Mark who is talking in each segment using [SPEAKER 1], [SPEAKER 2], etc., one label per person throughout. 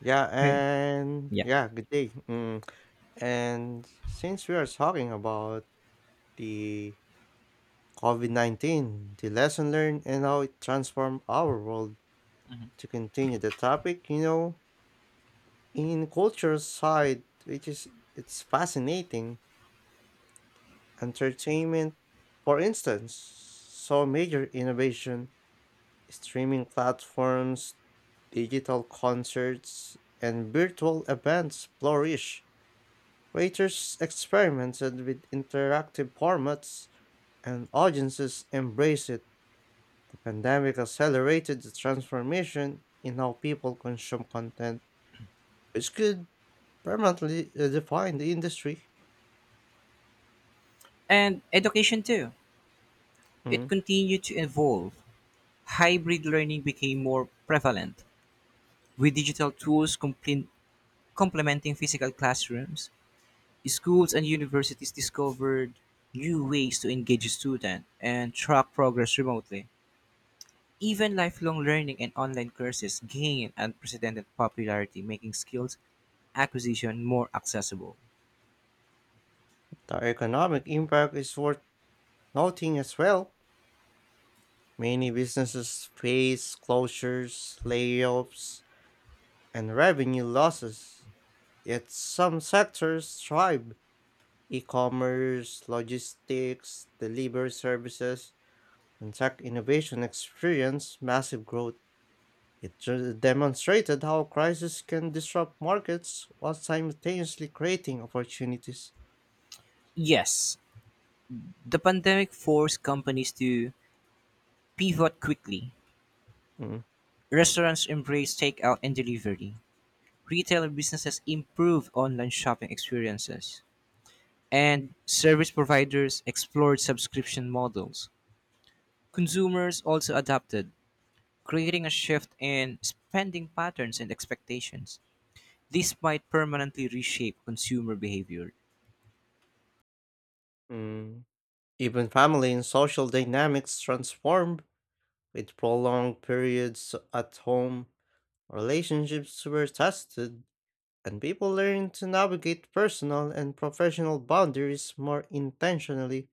[SPEAKER 1] Yeah,
[SPEAKER 2] Right.
[SPEAKER 1] and
[SPEAKER 2] Yeah.
[SPEAKER 1] yeah, good day. Mm. And since we are talking about the COVID-19, the lesson learned and how it transformed our world,
[SPEAKER 2] Mhm.
[SPEAKER 1] to continue the topic, in culture side, which is it's fascinating. Entertainment, for instance, saw major innovation: streaming platforms, digital concerts, and virtual events flourish. Creators experimented with interactive formats, and audiences embraced it. The pandemic accelerated the transformation in how people consume content, which could permanently redefine the industry.
[SPEAKER 2] And education too. It
[SPEAKER 1] Mm.
[SPEAKER 2] continued to evolve. Hybrid learning became more prevalent, with digital tools complementing physical classrooms. Schools and universities discovered new ways to engage students and track progress remotely. Even lifelong learning and online courses gained unprecedented popularity, making skills acquisition more accessible.
[SPEAKER 1] The economic impact is worth noting as well. Many businesses face closures, layoffs, and revenue losses, yet some sectors thrive: e-commerce, logistics, delivery services, and tech innovation experienced massive growth. Demonstrated how crises can disrupt markets while simultaneously creating opportunities.
[SPEAKER 2] Yes, the pandemic forced companies to pivot quickly.
[SPEAKER 1] Mm,
[SPEAKER 2] Restaurants embraced takeout and delivery. Retail businesses improved online shopping experiences. And service providers explored subscription models. Consumers also adapted, creating a shift in spending patterns and expectations. This might permanently reshape consumer behavior.
[SPEAKER 1] mm. Even family and social dynamics transformed with prolonged periods at home. Relationships were tested, and people learned to navigate personal and professional boundaries more intentionally.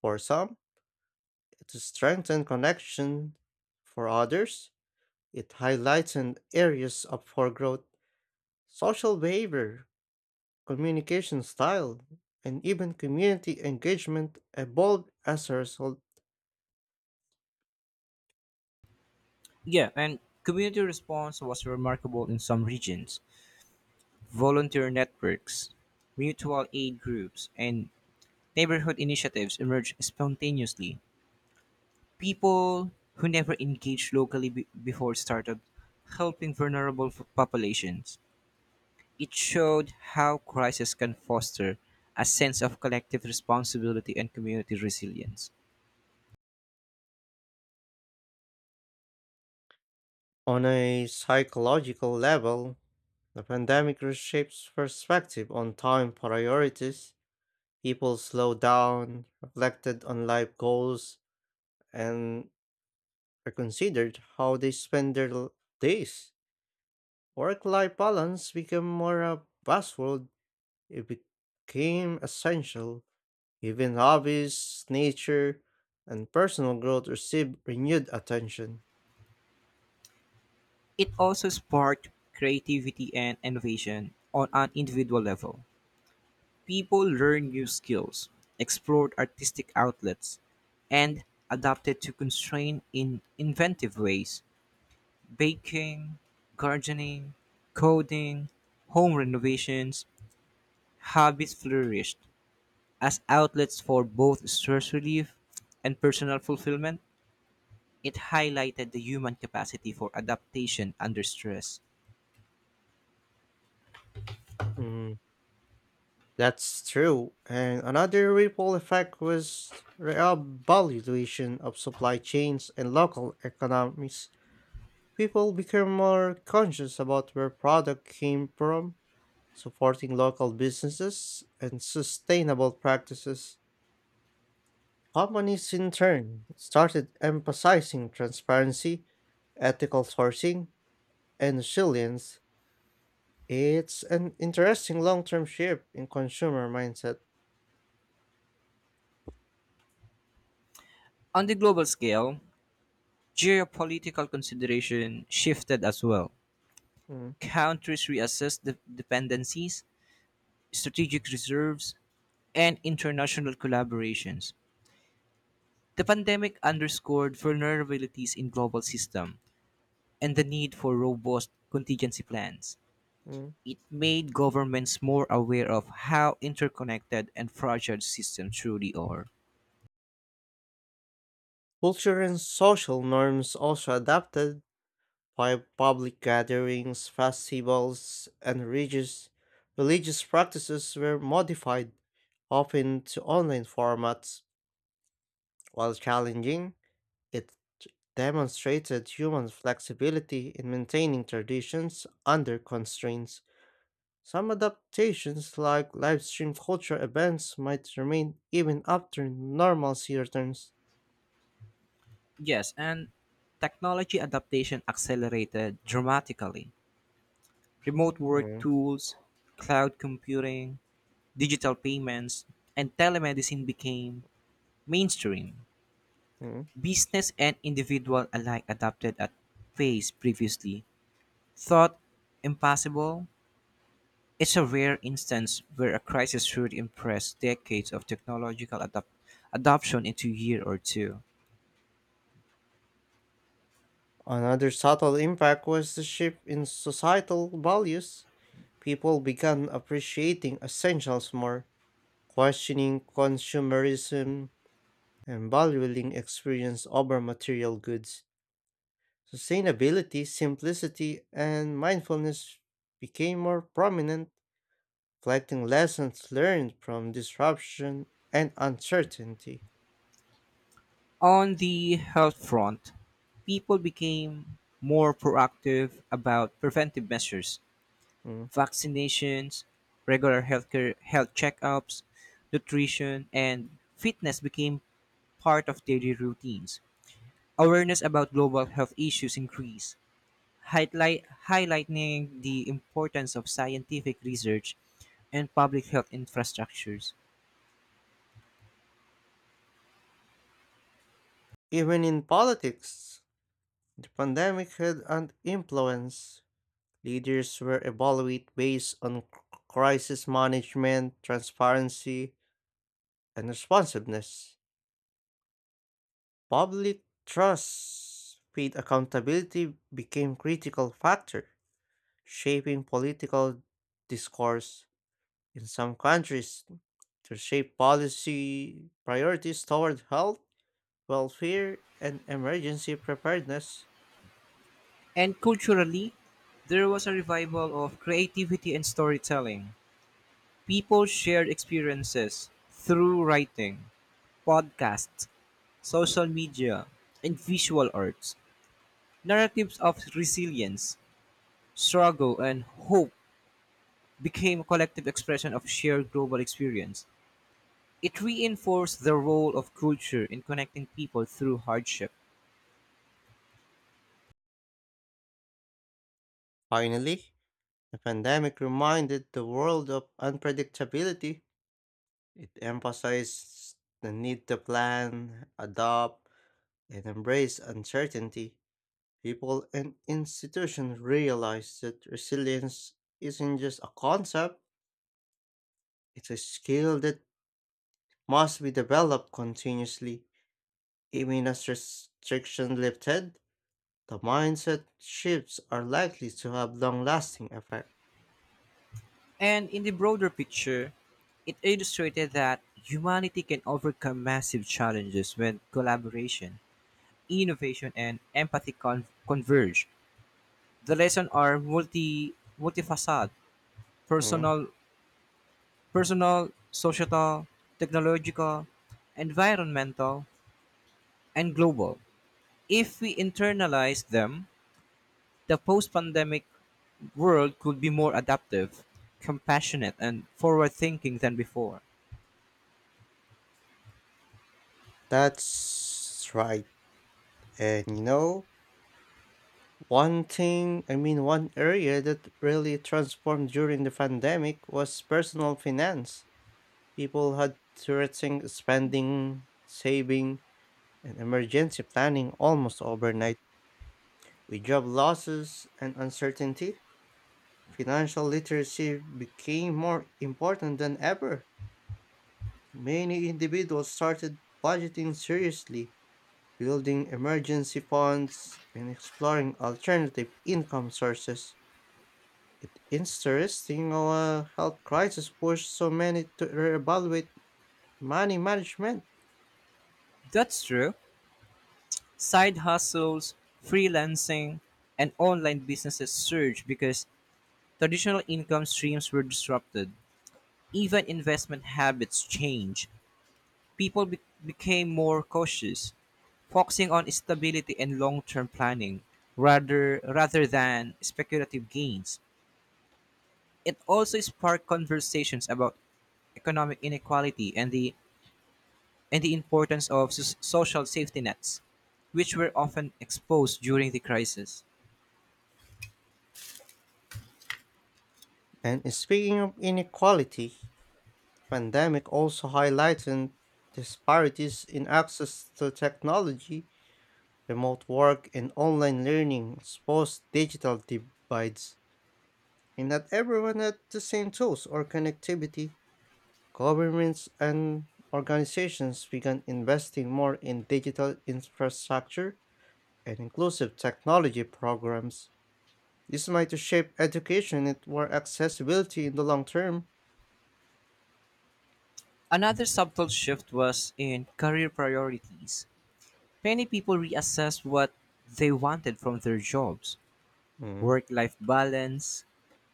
[SPEAKER 1] For some, to strengthen connection; for others, it highlights an areas up for growth. Social behavior, communication style, and even community engagement evolved as a result.
[SPEAKER 2] Yeah, and community response was remarkable in some regions. Volunteer networks, mutual aid groups, and neighborhood initiatives emerged spontaneously. People who never engaged locally before started helping vulnerable populations. It showed how crisis can foster a sense of collective responsibility and community resilience.
[SPEAKER 1] On a psychological level, the pandemic reshapes perspective on time priorities. People slowed down, reflected on life goals, and reconsidered how they spend days. Work life balance became more a buzzword. It became essential. Even hobbies, nature, and personal growth received renewed attention.
[SPEAKER 2] It also sparked creativity and innovation on an individual level. People learned new skills, explored artistic outlets, and adapted to constraint in inventive ways: baking, gardening, coding, home renovations, hobbies flourished as outlets for both stress relief and personal fulfillment. It highlighted the human capacity for adaptation under stress.
[SPEAKER 1] Mm, that's true. And another ripple effect was reevaluation of supply chains and local economies. People became more conscious about where product came from, supporting local businesses and sustainable practices. Companies, in turn, started emphasizing transparency, ethical sourcing, and resilience. It's an interesting long term shift in consumer mindset.
[SPEAKER 2] On the global scale, geopolitical consideration shifted as well.
[SPEAKER 1] Mm,
[SPEAKER 2] Countries reassessed the dependencies, strategic reserves, and international collaborations. The pandemic underscored vulnerabilities in global systems and the need for robust contingency plans.
[SPEAKER 1] mm.
[SPEAKER 2] It made governments more aware of how interconnected and fragile systems truly are.
[SPEAKER 1] Culture and social norms also adapted by public gatherings, festivals, and religious practices were modified, often to online formats. While challenging, it demonstrated human flexibility in maintaining traditions under constraints. Some adaptations, like livestream culture events, might remain even after normalcy returns.
[SPEAKER 2] Yes, and technology adaptation accelerated dramatically. Remote work
[SPEAKER 1] Mhm.
[SPEAKER 2] tools, cloud computing, digital payments, and telemedicine became mainstream. Business and individual alike adapted at pace previously thought impossible. It's a rare instance where a crisis would impress decades of technological adoption into a year or two.
[SPEAKER 1] Another subtle impact was the shift in societal values. People began appreciating essentials more, questioning consumerism, and valuing experience over material goods. Sustainability, simplicity, and mindfulness became more prominent, reflecting lessons learned from disruption and uncertainty.
[SPEAKER 2] On the health front, people became more proactive about preventive measures,
[SPEAKER 1] Mm.
[SPEAKER 2] vaccinations, regular healthcare, health checkups, nutrition, and fitness became part of daily routines. Awareness about global health issues increased, highlighting the importance of scientific research and public health infrastructures.
[SPEAKER 1] Even in politics, the pandemic had an influence. Leaders were evaluated based on crisis management, transparency, and responsiveness. Public trust, paid accountability became critical factor, shaping political discourse. In some countries, to shape policy priorities toward health, welfare, and emergency preparedness.
[SPEAKER 2] And culturally, there was a revival of creativity and storytelling. People shared experiences through writing, podcasts, social media, and visual arts. Narratives of resilience, struggle, and hope became a collective expression of shared global experience. It reinforced the role of culture in connecting people through hardship.
[SPEAKER 1] Finally, the pandemic reminded the world of unpredictability. It emphasized the need to plan, adapt, and embrace uncertainty. People and institutions realized that resilience isn't just a concept, it's a skill that must be developed continuously. Even as restrictions lifted, the mindset shifts are likely to have long lasting effect.
[SPEAKER 2] And in the broader picture, it illustrated that humanity can overcome massive challenges when collaboration, innovation, and empathy converge. The lessons are multifaceted,
[SPEAKER 1] Mm,
[SPEAKER 2] personal, personal, societal, technological, environmental, and global. If we internalize them, the post-pandemic world could be more adaptive, compassionate and forward-thinking than before.
[SPEAKER 1] That's right. And you know, One thing, I mean, one area that really transformed during the pandemic was personal finance. People had to rethink spending, saving, and emergency planning almost overnight. With job losses and uncertainty, financial literacy became more important than ever. Many individuals started budgeting seriously, building emergency funds, and exploring alternative income sources. It's interesting our health crisis pushed so many to reevaluate money management.
[SPEAKER 2] That's true. Side hustles, freelancing, and online businesses surged because traditional income streams were disrupted. Even investment habits changed. People became more cautious, focusing on stability and long-term planning rather than speculative gains. It also sparked conversations about economic inequality and the importance of social safety nets, which were often exposed during the crisis.
[SPEAKER 1] And speaking of inequality, pandemic also highlighted disparities in access to technology, remote work, and online learning exposed digital divides. And not everyone had the same tools or connectivity. Governments and organizations began investing more in digital infrastructure and inclusive technology programs. This might shape education and more accessibility in the long term.
[SPEAKER 2] Another subtle shift was in career priorities. Many people reassessed what they wanted from their jobs.
[SPEAKER 1] Mm.
[SPEAKER 2] Work life balance,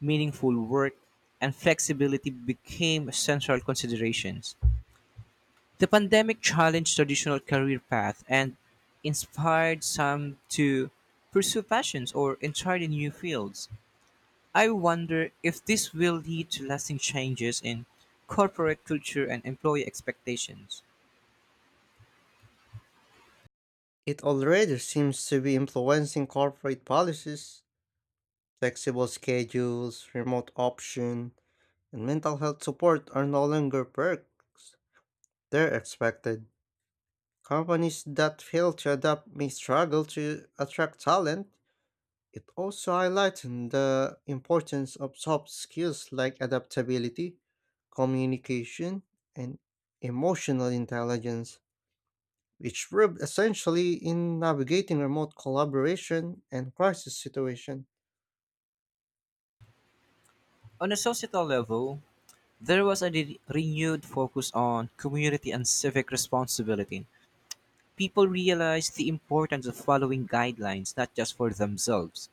[SPEAKER 2] meaningful work, and flexibility became central considerations. The pandemic challenged traditional career paths and inspired some to pursue passions or entirely new fields. I wonder if this will lead to lasting changes in corporate culture and employee expectations.
[SPEAKER 1] It already seems to be influencing corporate policies. Flexible schedules, remote option, and mental health support are no longer perks. They're expected. Companies that fail to adapt may struggle to attract talent. It also highlights the importance of soft skills like adaptability, communication, and emotional intelligence, which proved essentially in navigating remote collaboration and crisis situation.
[SPEAKER 2] On a societal level, there was a renewed focus on community and civic responsibility. People realized the importance of following guidelines not just for themselves,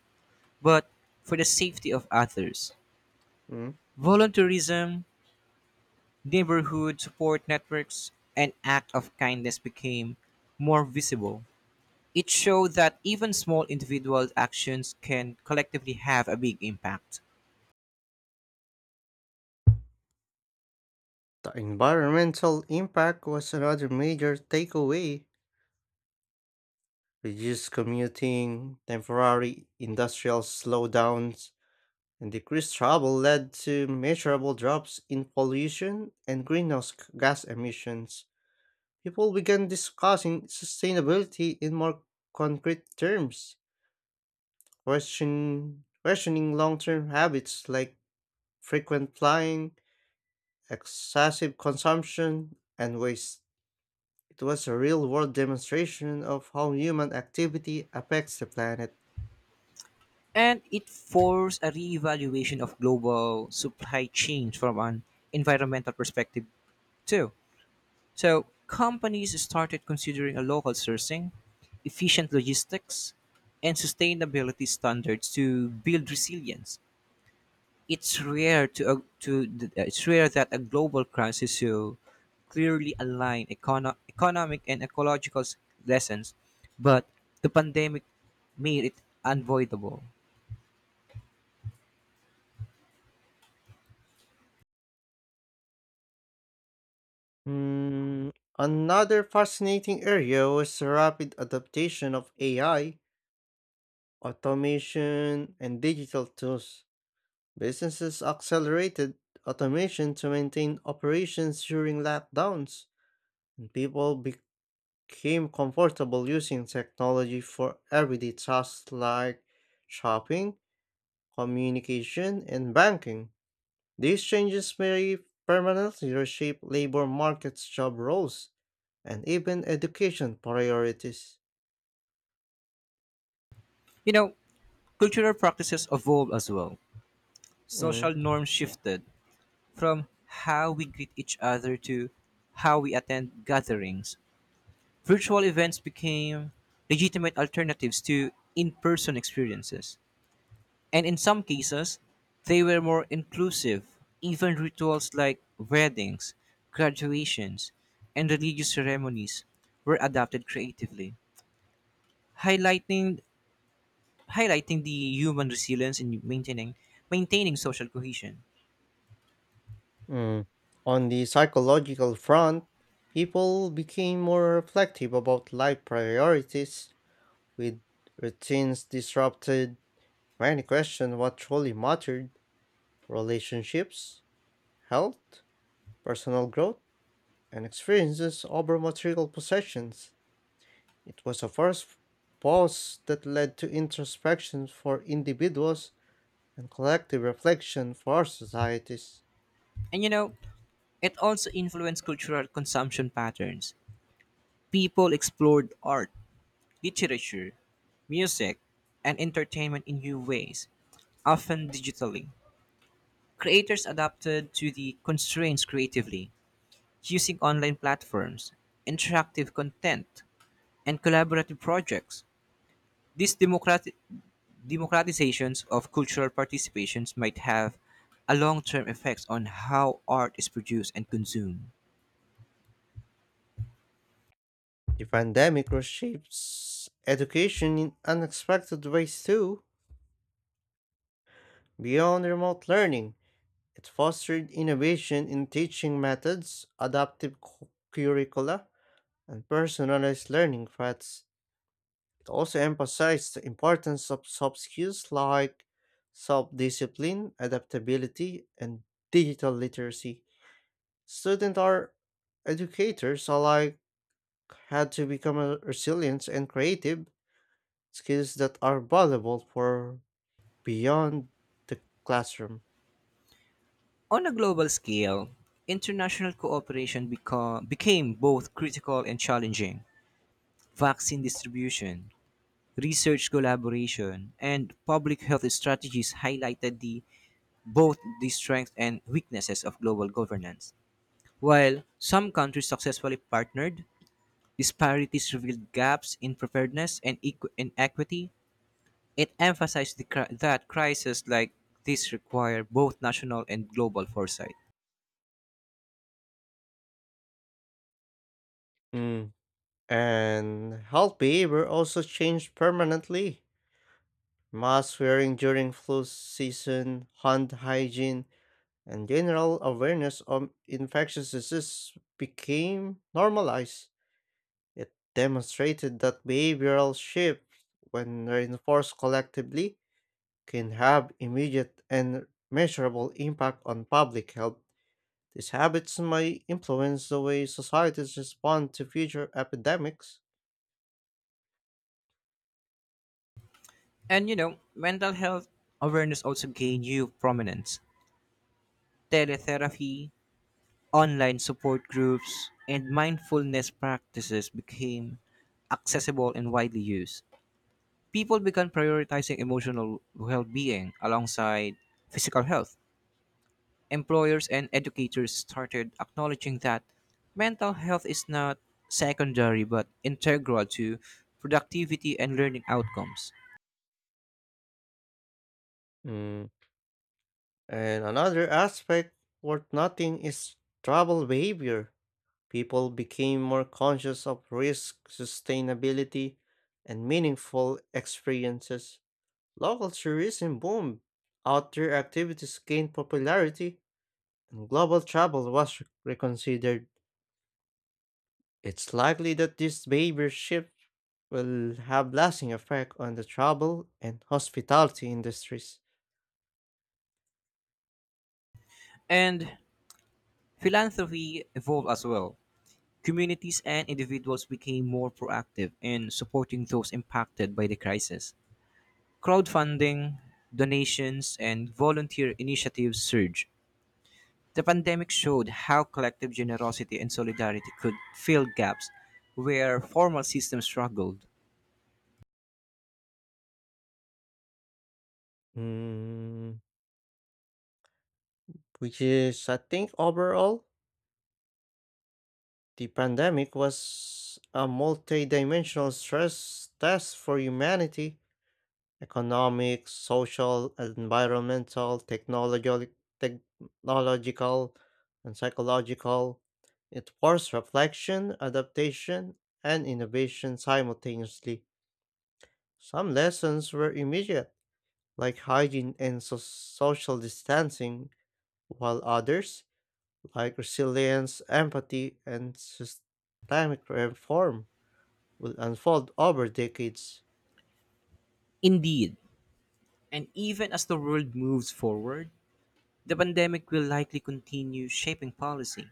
[SPEAKER 2] but for the safety of others.
[SPEAKER 1] Mm.
[SPEAKER 2] Volunteerism, neighborhood support networks and acts of kindness became more visible. It showed that even small individual actions can collectively have a big impact.
[SPEAKER 1] The environmental impact was another major takeaway. Reduced commuting, temporary industrial slowdowns, and decreased travel led to measurable drops in pollution and gas emissions. People began discussing sustainability in more concrete terms, questioning long term habits like frequent flying, excessive consumption, and waste. It was a real world demonstration of how human activity affects the planet.
[SPEAKER 2] And it forced a reevaluation of global supply chains from an environmental perspective, too. So, companies started considering a local sourcing, efficient logistics, and sustainability standards to build resilience. It's rare to a- to th- it's rare that a global crisis so clearly align economic and ecological lessons, but the pandemic made it unavoidable.
[SPEAKER 1] Hmm, Another fascinating area was the rapid adaptation of AI, automation and digital tools. Businesses accelerated automation to maintain operations during lockdowns, and people became comfortable using technology for everyday tasks like shopping, communication, and banking. These changes may permanently reshape labor markets, job roles, and even education priorities.
[SPEAKER 2] You know, cultural practices evolved as well.
[SPEAKER 1] Mm.
[SPEAKER 2] Social norms shifted from how we greet each other to how we attend gatherings. Virtual events became legitimate alternatives to in person experiences. And in some cases, they were more inclusive. Even rituals like weddings, graduations, and religious ceremonies were adapted creatively, highlighting highlighting the human resilience in maintaining social cohesion.
[SPEAKER 1] Mm. On the psychological front, people became more reflective about life priorities, with routines disrupted. Many questioned what truly mattered: relationships, health, personal growth, and experiences over material possessions. It was a first pause that led to introspection for individuals and collective reflection for societies.
[SPEAKER 2] And you know, it also influenced cultural consumption patterns. People explored art, literature, music, and entertainment in new ways, often digitally. Creators adapted to the constraints creatively, using online platforms, interactive content, and collaborative projects. These democratizations of cultural participations might have a long term effects on how art is produced and consumed.
[SPEAKER 1] The pandemic reshapes education in unexpected ways too. Beyond remote learning, it fostered innovation in teaching methods, adaptive curricula, and personalized learning paths. It also emphasized the importance of soft skills like self discipline, adaptability, and digital literacy. Students or educators alike had to become resilient and creative, skills that are valuable for beyond the classroom.
[SPEAKER 2] On a global scale, international cooperation became both critical and challenging. Vaccine distribution, research collaboration, and public health strategies highlighted the both the strengths and weaknesses of global governance. While some countries successfully partnered, disparities revealed gaps in preparedness and inequity. It emphasized that crises like this require both national and global foresight.
[SPEAKER 1] Mm. And health behavior also changed permanently. Mask wearing during flu season, hand hygiene, and general awareness of infectious disease became normalized. It demonstrated that behavioral shifts, when reinforced collectively, can have immediate and measurable impact on public health. These habits may influence the way societies respond to future epidemics.
[SPEAKER 2] And you know, mental health awareness also gained new prominence. Teletherapy, online support groups, and mindfulness practices became accessible and widely used. People began prioritizing emotional well being alongside physical health. Employers and educators started acknowledging that mental health is not secondary but integral to productivity and learning outcomes.
[SPEAKER 1] Mm, And another aspect worth noting is travel behavior. People became more conscious of risk, sustainability, and meaningful experiences. Local tourism boomed, outdoor activities gained popularity, and global travel was reconsidered. It's likely that this behavior shift will have lasting effect on the travel and hospitality industries.
[SPEAKER 2] And philanthropy evolved as well. Communities and individuals became more proactive in supporting those impacted by the crisis. Crowdfunding, donations, and volunteer initiatives surged. The pandemic showed how collective generosity and solidarity could fill gaps where formal systems struggled.
[SPEAKER 1] Mm, which is, I think, overall, the pandemic was a multi-dimensional stress test for humanity: economic, social, environmental, technological, and psychological. It forced reflection, adaptation, and innovation simultaneously. Some lessons were immediate, like hygiene and social distancing, while others, like resilience, empathy, and systemic reform, will unfold over decades.
[SPEAKER 2] Indeed, and even as the world moves forward, the pandemic will likely continue shaping policy,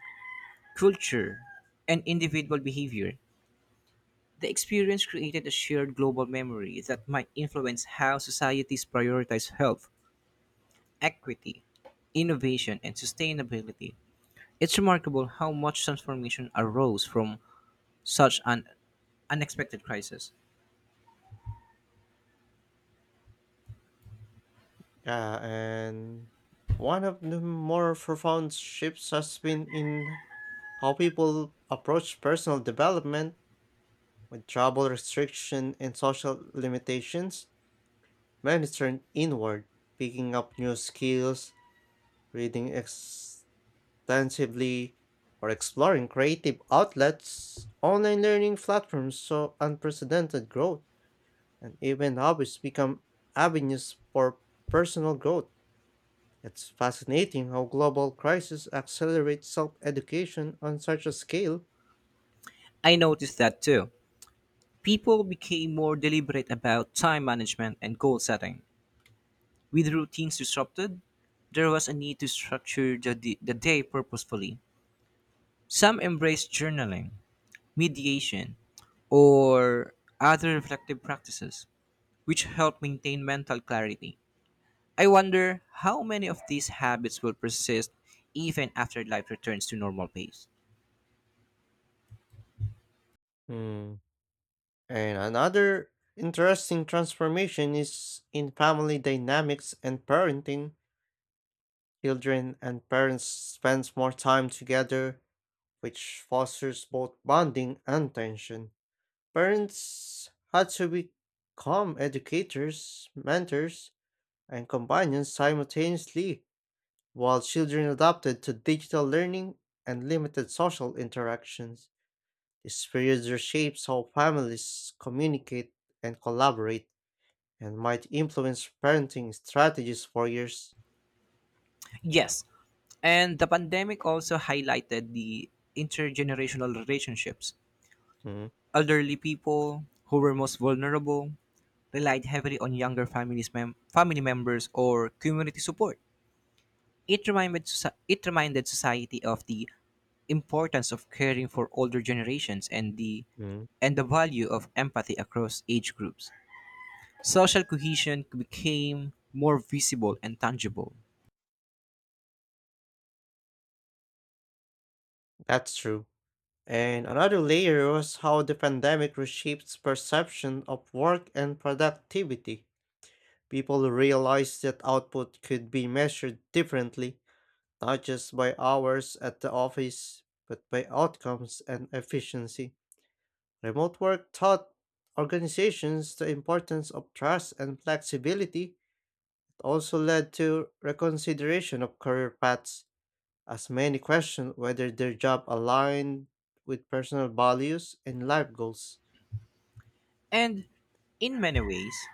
[SPEAKER 2] culture, and individual behavior. The experience created a shared global memory that might influence how societies prioritize health, equity, innovation, and sustainability. It's remarkable how much transformation arose from such an unexpected crisis.
[SPEAKER 1] Yeah, and one of the more profound shifts has been in how people approach personal development with travel restriction and social limitations. Many turn inward, picking up new skills, reading, ex. Alternatively, or exploring creative outlets, online learning platforms saw unprecedented growth, and even hobbies become avenues for personal growth. It's fascinating how global crises accelerate self education on such a scale.
[SPEAKER 2] I noticed that too. People became more deliberate about time management and goal setting. With routines disrupted, there was a need to structure the day purposefully. Some embraced journaling, mediation, or other reflective practices, which help maintain mental clarity. I wonder how many of these habits will persist even after life returns to normal pace.
[SPEAKER 1] Hmm. And another interesting transformation is in family dynamics and parenting. Children and parents spend more time together, which fosters both bonding and tension. Parents had to become educators, mentors, and companions simultaneously, while children adapted to digital learning and limited social interactions. This period shapes how families communicate and collaborate and might influence parenting strategies for years.
[SPEAKER 2] Yes. And the pandemic also highlighted the intergenerational relationships.
[SPEAKER 1] Mm,
[SPEAKER 2] Elderly people who were most vulnerable relied heavily on younger families family members or community support. It reminded society of the importance of caring for older generations and
[SPEAKER 1] mm,
[SPEAKER 2] the value of empathy across age groups. Social cohesion became more visible and tangible.
[SPEAKER 1] That's true. And another layer was how the pandemic reshaped perception of work and productivity. People realized that output could be measured differently, not just by hours at the office, but by outcomes and efficiency. Remote work taught organizations the importance of trust and flexibility. It also led to reconsideration of career paths as many question whether their job aligned with personal values and life goals.
[SPEAKER 2] And in many ways,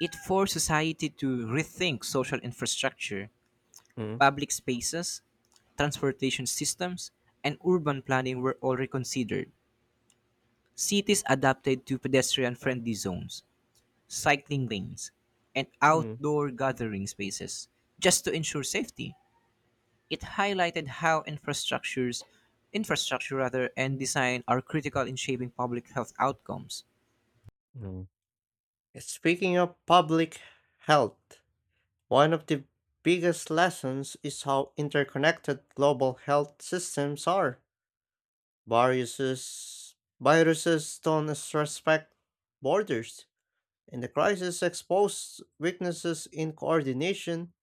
[SPEAKER 2] it forced society to rethink social infrastructure,
[SPEAKER 1] Mm,
[SPEAKER 2] public spaces, transportation systems, and urban planning were all reconsidered. Cities adapted to pedestrian friendly zones, cycling lanes, and
[SPEAKER 1] mm,
[SPEAKER 2] outdoor gathering spaces just to ensure safety. It highlighted how infrastructure rather, and design are critical in shaping public health outcomes.
[SPEAKER 1] mm. Speaking of public health, one of the biggest lessons is how interconnected global health systems are. Viruses don't respect borders, and the crisis exposed weaknesses in coordination,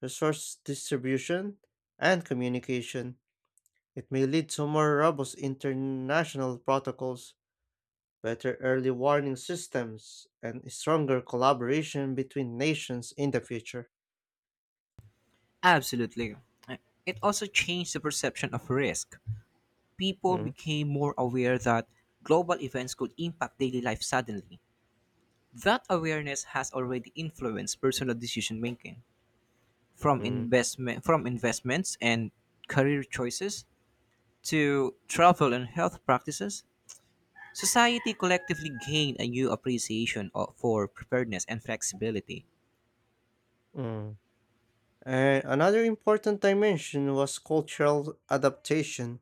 [SPEAKER 1] resource distribution, and communication. It may lead to more robust international protocols, better early warning systems, and stronger collaboration between nations in the future.
[SPEAKER 2] Absolutely. It also changed the perception of risk. People
[SPEAKER 1] Mm,
[SPEAKER 2] became more aware that global events could impact daily life suddenly. That awareness has already influenced personal decision making, from
[SPEAKER 1] mm,
[SPEAKER 2] investments and career choices to travel and health practices. Society collectively gained a new appreciation for preparedness and flexibility.
[SPEAKER 1] mm. And another important dimension was cultural adaptation.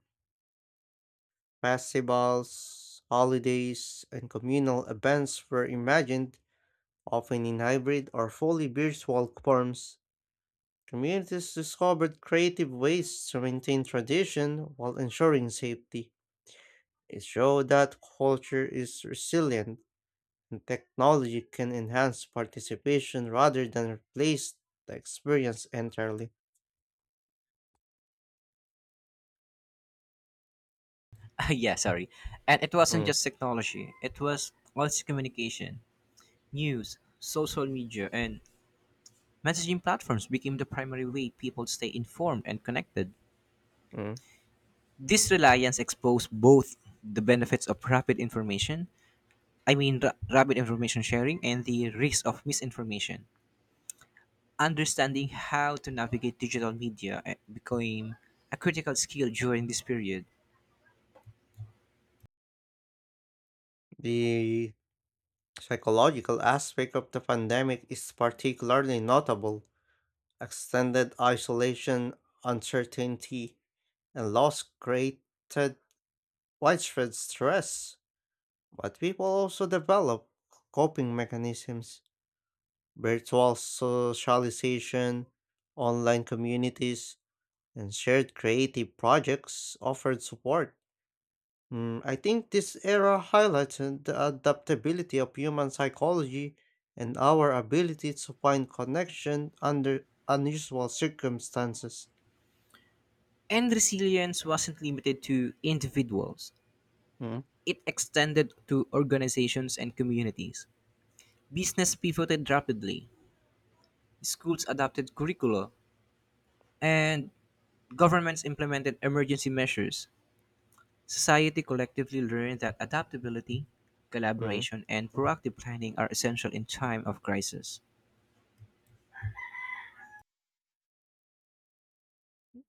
[SPEAKER 1] Festivals, holidays, and communal events were imagined, often in hybrid or fully virtual forms. Communities discovered creative ways to maintain tradition while ensuring safety. It show that culture is resilient and technology can enhance participation rather than replace the experience entirely.
[SPEAKER 2] Yeah, sorry. And it wasn't
[SPEAKER 1] Mm,
[SPEAKER 2] just technology; it was also communication, news, social media, and messaging platforms became the primary way people stay informed and connected.
[SPEAKER 1] mm.
[SPEAKER 2] This reliance exposed both the benefits of rapid information, rapid information sharing, and the risk of misinformation. Understanding how to navigate digital media became a critical skill during this period.
[SPEAKER 1] The psychological aspect of the pandemic is particularly notable. Extended isolation, uncertainty, and loss created widespread stress, but people also develop coping mechanisms: virtual socialization, online communities, and shared creative projects offered support. I think this era highlights the adaptability of human psychology and our ability to find connection under unusual circumstances.
[SPEAKER 2] And resilience wasn't limited to individuals,
[SPEAKER 1] Mm,
[SPEAKER 2] it extended to organizations and communities. Business pivoted rapidly, schools adapted curricula, and governments implemented emergency measures. Society collectively learned that adaptability,
[SPEAKER 1] mm,
[SPEAKER 2] collaboration, and proactive planning are essential in time of crisis.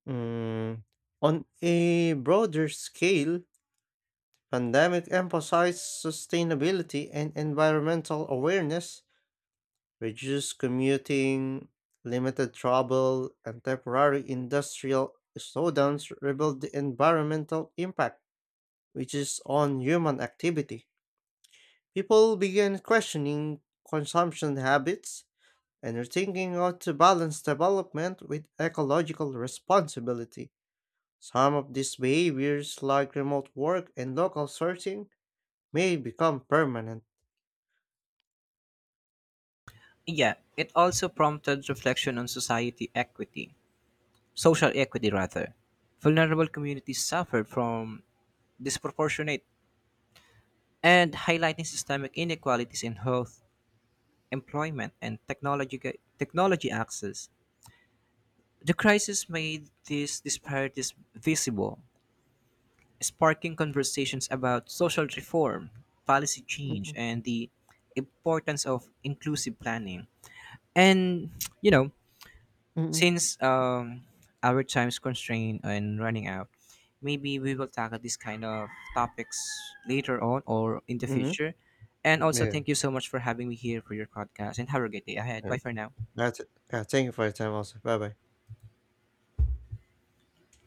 [SPEAKER 1] mm. On a broader scale, pandemic emphasized sustainability and environmental awareness. Reduced commuting, limited travel, and temporary industrial slowdowns revealed the environmental impact which is on human activity. People began questioning consumption habits and are thinking how to balance development with ecological responsibility. Some of these behaviors, like remote work and local sourcing, may become permanent.
[SPEAKER 2] Yeah, it also prompted reflection on social equity rather. Vulnerable communities suffered from disproportionate and highlighting systemic inequalities in health, employment, and technology access. The crisis made these disparities visible, sparking conversations about social reform, policy change,
[SPEAKER 1] Mm-mm.
[SPEAKER 2] and the importance of inclusive planning. And, you know,
[SPEAKER 1] Mm-mm.
[SPEAKER 2] since our time's constrained and running out, maybe we will tackle this kind of topics later on or in the
[SPEAKER 1] Mm-hmm.
[SPEAKER 2] future. And also,
[SPEAKER 1] Yeah.
[SPEAKER 2] thank you so much for having me here for your podcast and have a great day ahead.
[SPEAKER 1] Yeah.
[SPEAKER 2] Bye for now.
[SPEAKER 1] That's it. Yeah, thank you for your time also. Bye bye.